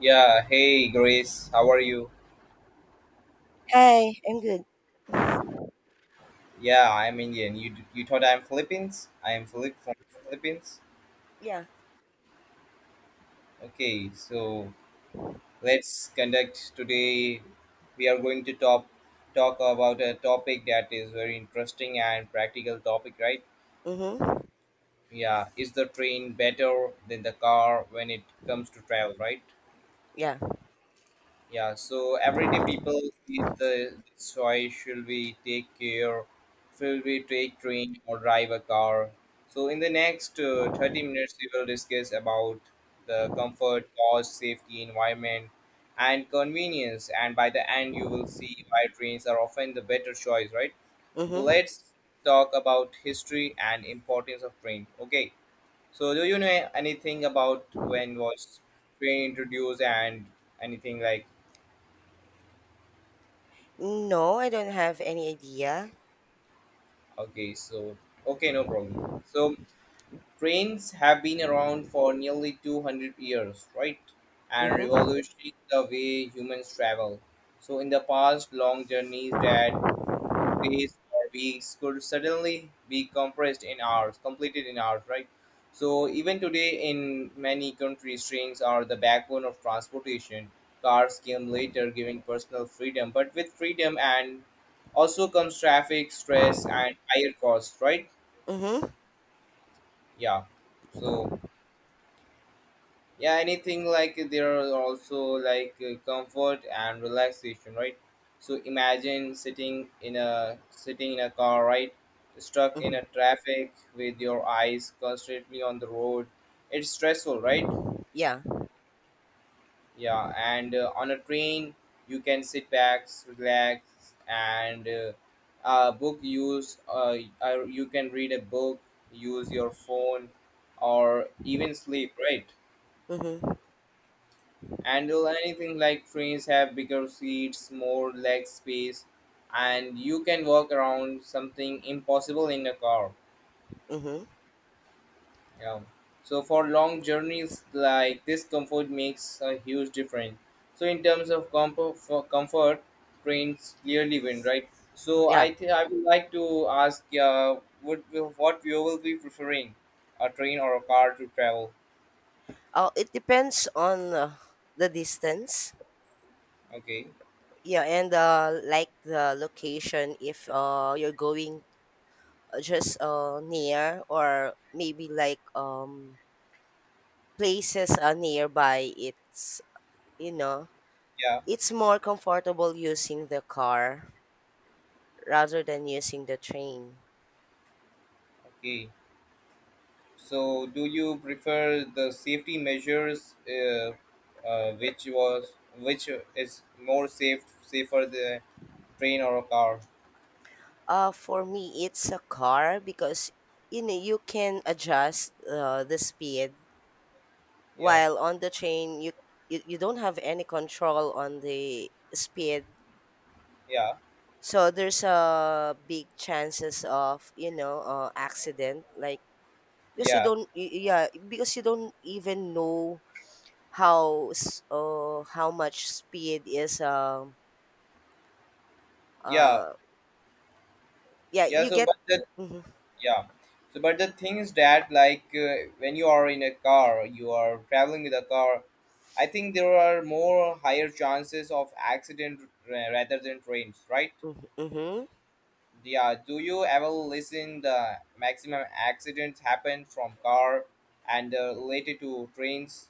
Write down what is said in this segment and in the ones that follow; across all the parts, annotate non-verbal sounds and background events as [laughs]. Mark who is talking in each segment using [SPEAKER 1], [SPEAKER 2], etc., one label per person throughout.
[SPEAKER 1] Yeah, hey Grace, how are you?
[SPEAKER 2] Hi, I'm good.
[SPEAKER 1] Yeah, I'm Indian. You thought I'm Philippines? I am Philip from Philippines.
[SPEAKER 2] Yeah.
[SPEAKER 1] Okay, so let's conduct today. We are going to talk about a topic that is very interesting and practical topic, right?
[SPEAKER 2] Mm-hmm.
[SPEAKER 1] Yeah, is the train better than the car when it comes to travel, right?
[SPEAKER 2] Yeah.
[SPEAKER 1] Yeah, so everyday people face the this choice, should we take care, should we take train or drive a car? So in the next 30 minutes, we will discuss about the comfort, cost, safety, environment, and convenience. And by the end, you will see why trains are often the better choice, right? So
[SPEAKER 2] Mm-hmm.
[SPEAKER 1] let's talk about history and importance of train. Okay, so do you know anything about when was train introduced and anything like?
[SPEAKER 2] No, I don't have any idea.
[SPEAKER 1] Okay, so okay, no problem. So trains have been around for nearly 200 years, right? And
[SPEAKER 2] Mm-hmm.
[SPEAKER 1] revolutionized the way humans travel. So in the past, long journeys that 2 days or weeks could suddenly be compressed in hours, completed in hours, right? So even today, in many countries, trains are the backbone of transportation. Cars came later, giving personal freedom, but with freedom and also comes traffic, stress, and higher costs, right?
[SPEAKER 2] Mm-hmm.
[SPEAKER 1] Yeah. So yeah, anything like there are also like comfort and relaxation, right? So imagine sitting in a car, right? Stuck in a
[SPEAKER 2] Mm-hmm.
[SPEAKER 1] traffic with your eyes constantly on the road, it's stressful, right?
[SPEAKER 2] Yeah.
[SPEAKER 1] Yeah, and on a train you can sit back, relax, and book use you can read a book, use your phone, or even sleep, right?
[SPEAKER 2] Mm-hmm.
[SPEAKER 1] And will anything like trains have bigger seats, more leg space, and you can walk around, something impossible in a car.
[SPEAKER 2] Mm-hmm.
[SPEAKER 1] Yeah. So for long journeys like this, comfort makes a huge difference. So in terms of comfort, for comfort, trains clearly win, right? So
[SPEAKER 2] Yeah.
[SPEAKER 1] I think I would like to ask, would, what you will be preferring, a train or a car to travel?
[SPEAKER 2] Oh, it depends on the distance.
[SPEAKER 1] Okay.
[SPEAKER 2] Yeah, and like the location. If you're going just near, or maybe places are nearby, it's you know
[SPEAKER 1] Yeah.
[SPEAKER 2] it's more comfortable using the car rather than using the train.
[SPEAKER 1] Okay. So, do you prefer the safety measures, which was which is more safe, safer, the train or a car?
[SPEAKER 2] For me, it's a car because you know you can adjust the speed.
[SPEAKER 1] Yeah,
[SPEAKER 2] While on the train, you don't have any control on the speed,
[SPEAKER 1] yeah,
[SPEAKER 2] so there's a big chances of accident. Like because you
[SPEAKER 1] yeah,
[SPEAKER 2] don't yeah, because you don't even know how much speed is
[SPEAKER 1] yeah,
[SPEAKER 2] uh yeah,
[SPEAKER 1] yeah.
[SPEAKER 2] you
[SPEAKER 1] So,
[SPEAKER 2] get
[SPEAKER 1] but the,
[SPEAKER 2] mm-hmm,
[SPEAKER 1] yeah, so but the thing is that like when you are in a car, you are traveling with a car. I think there are more higher chances of accident, rather than trains, right?
[SPEAKER 2] mm-hmm.
[SPEAKER 1] Yeah, do you ever listen the maximum accidents happen from car and related to trains?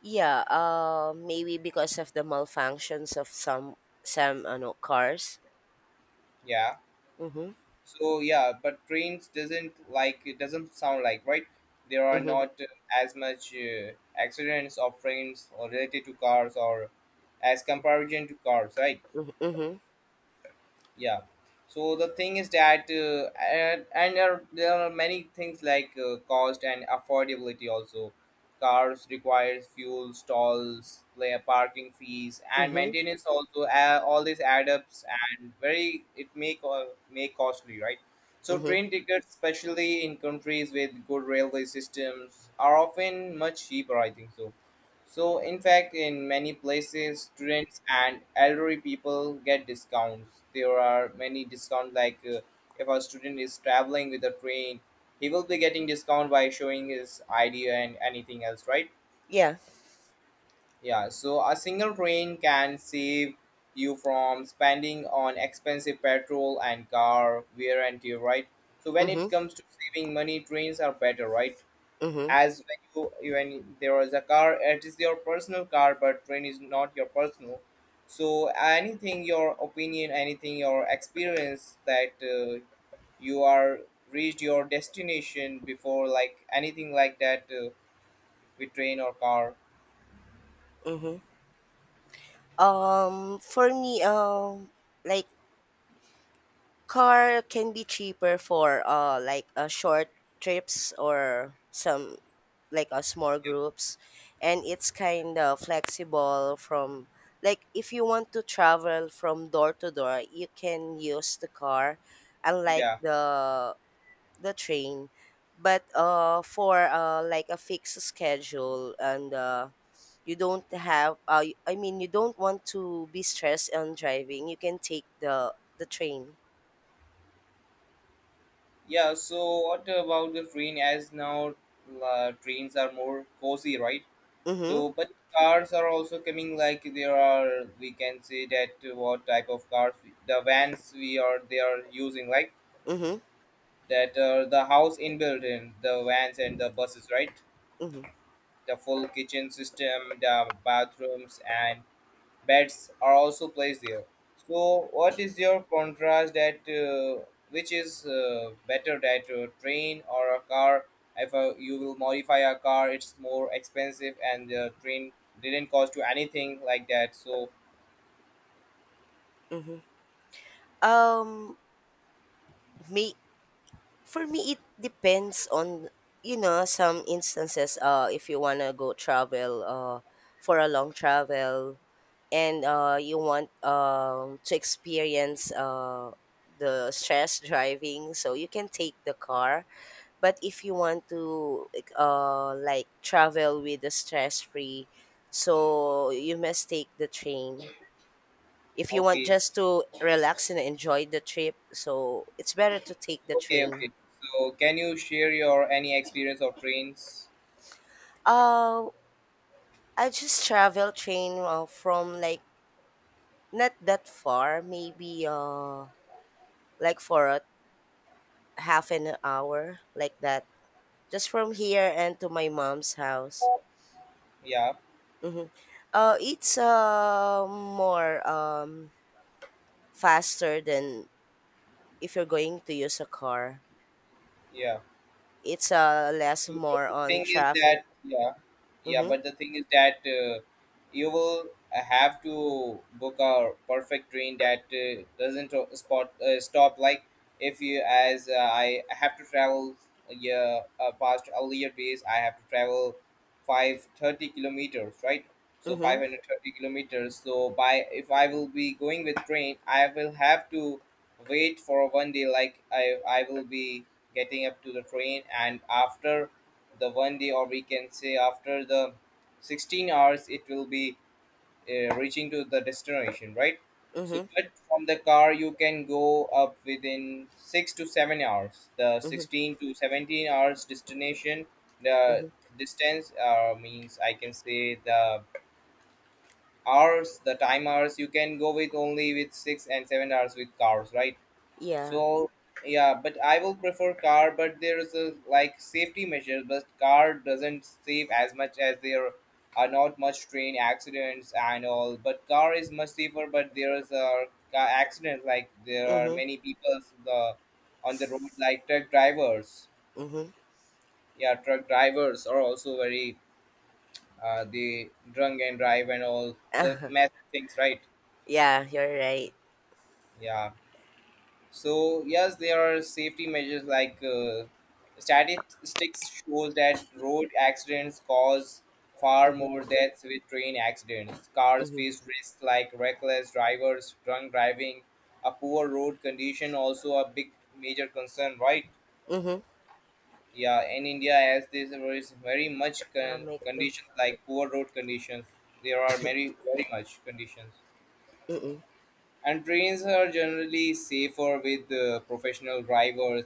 [SPEAKER 2] Yeah, maybe because of the malfunctions of some ano cars.
[SPEAKER 1] Yeah.
[SPEAKER 2] Mhm.
[SPEAKER 1] So yeah, but trains doesn't, like it doesn't sound like right. There are
[SPEAKER 2] Mhm.
[SPEAKER 1] not as much accidents of trains or related to cars or as comparison to cars, right?
[SPEAKER 2] Mhm. Mhm.
[SPEAKER 1] Yeah, so the thing is that and there are many things like cost and affordability also. Cars requires fuel stalls, play parking fees, and
[SPEAKER 2] Mhm.
[SPEAKER 1] maintenance also, all these add ups and very it make costly, right? So
[SPEAKER 2] Mhm.
[SPEAKER 1] train tickets, especially in countries with good railway systems, are often much cheaper, I think so. So, in fact, in many places, students and elderly people get discounts. There are many discounts, like if a student is traveling with a train, he will be getting discount by showing his ID and anything else, right?
[SPEAKER 2] Yeah.
[SPEAKER 1] Yeah, so a single train can save you from spending on expensive petrol and car wear and tear, right? So, when
[SPEAKER 2] Mhm.
[SPEAKER 1] it comes to saving money, trains are better, right?
[SPEAKER 2] Mhm.
[SPEAKER 1] As when there was a car, it is your personal car, but train is not your personal. So anything your opinion, anything your experience that you are reached your destination before, like anything like that, with train or car?
[SPEAKER 2] Mhm. For me like car can be cheaper for short trips, or some like a small groups, and it's kind of flexible from, like, if you want to travel from door to door, you can use the car, unlike
[SPEAKER 1] Yeah.
[SPEAKER 2] the train. But for like a fixed schedule, and you don't have I mean, you don't want to be stressed on driving, you can take the train.
[SPEAKER 1] Yeah, so what about the train as now? Trains are more cozy, right? So,
[SPEAKER 2] Mm-hmm.
[SPEAKER 1] but cars are also coming. Like there are, we can say that what type of cars, the vans we are they are using, like
[SPEAKER 2] Mm-hmm.
[SPEAKER 1] that the house inbuilt in the vans and the buses, right?
[SPEAKER 2] Mm-hmm.
[SPEAKER 1] The full kitchen system, the bathrooms, and bets are also placed there. So, what is your contrast that which is better, that a train or a car? If you will modify a car, it's more expensive, and the train didn't cost you anything like that. So,
[SPEAKER 2] um me For me, it depends on you know some instances. If you wanna go travel, for a long travel, and you want to experience the stress driving, so you can take the car. But if you want to like travel with the stress free, so you must take the train. If you want
[SPEAKER 1] okay, s-
[SPEAKER 2] just to relax and enjoy the trip, so it's better to take the
[SPEAKER 1] okay,
[SPEAKER 2] train.
[SPEAKER 1] okay. So, can you share your any experience of trains?
[SPEAKER 2] Uh I just travel train from like not that far, maybe for a half an hour like that, just from here and to my mom's house.
[SPEAKER 1] Yeah,
[SPEAKER 2] Hmm. It's more faster than if you're going to use a car.
[SPEAKER 1] yeah.
[SPEAKER 2] It's less
[SPEAKER 1] But
[SPEAKER 2] more
[SPEAKER 1] the
[SPEAKER 2] on
[SPEAKER 1] thing is
[SPEAKER 2] traffic.
[SPEAKER 1] that yeah, yeah.
[SPEAKER 2] Mm-hmm.
[SPEAKER 1] But the thing is that you will have to book a perfect train that doesn't o- spot stop. Like if you, as I have to travel, yeah, past earlier days, I have to travel 530 kilometers, right? So five
[SPEAKER 2] Mm-hmm.
[SPEAKER 1] hundred thirty kilometers. So by, if I will be going with train, I will have to wait for one day. Like I will be getting up to the train, and after the one day, or we can say after the 16 hours, it will be reaching to the destination, right? So
[SPEAKER 2] Mm-hmm.
[SPEAKER 1] but from the car you can go up within 6 to 7 hours, the
[SPEAKER 2] Mm-hmm.
[SPEAKER 1] 16 to 17 hours destination, the
[SPEAKER 2] Mm-hmm.
[SPEAKER 1] distance, means I can say the hours, the time hours, you can go with only with 6 and 7 hours with cars, right?
[SPEAKER 2] Yeah.
[SPEAKER 1] So yeah, but I will prefer car. But there is a like safety measures, but car doesn't save as much, as there are not much train accidents and all. But car is much safer. But there is a car accident. Like there are
[SPEAKER 2] Mm-hmm.
[SPEAKER 1] many people the on the road, like truck drivers.
[SPEAKER 2] Mm-hmm.
[SPEAKER 1] Yeah, truck drivers are also very they drunk and drive and all the
[SPEAKER 2] [laughs]
[SPEAKER 1] mess things, right?
[SPEAKER 2] Yeah, you're right.
[SPEAKER 1] Yeah. So yes, there are safety measures like statistics shows that road accidents cause far more
[SPEAKER 2] Mm-hmm.
[SPEAKER 1] deaths with train accidents. Cars
[SPEAKER 2] Mm-hmm.
[SPEAKER 1] face risks like reckless drivers, drunk driving, a poor road condition also a big major concern, right?
[SPEAKER 2] Mm-hmm.
[SPEAKER 1] Yeah, in India, as this is very much
[SPEAKER 2] Naka-mic to.
[SPEAKER 1] conditions, like poor road conditions, there are very very much conditions,
[SPEAKER 2] Mm.
[SPEAKER 1] and trains are generally safer with professional drivers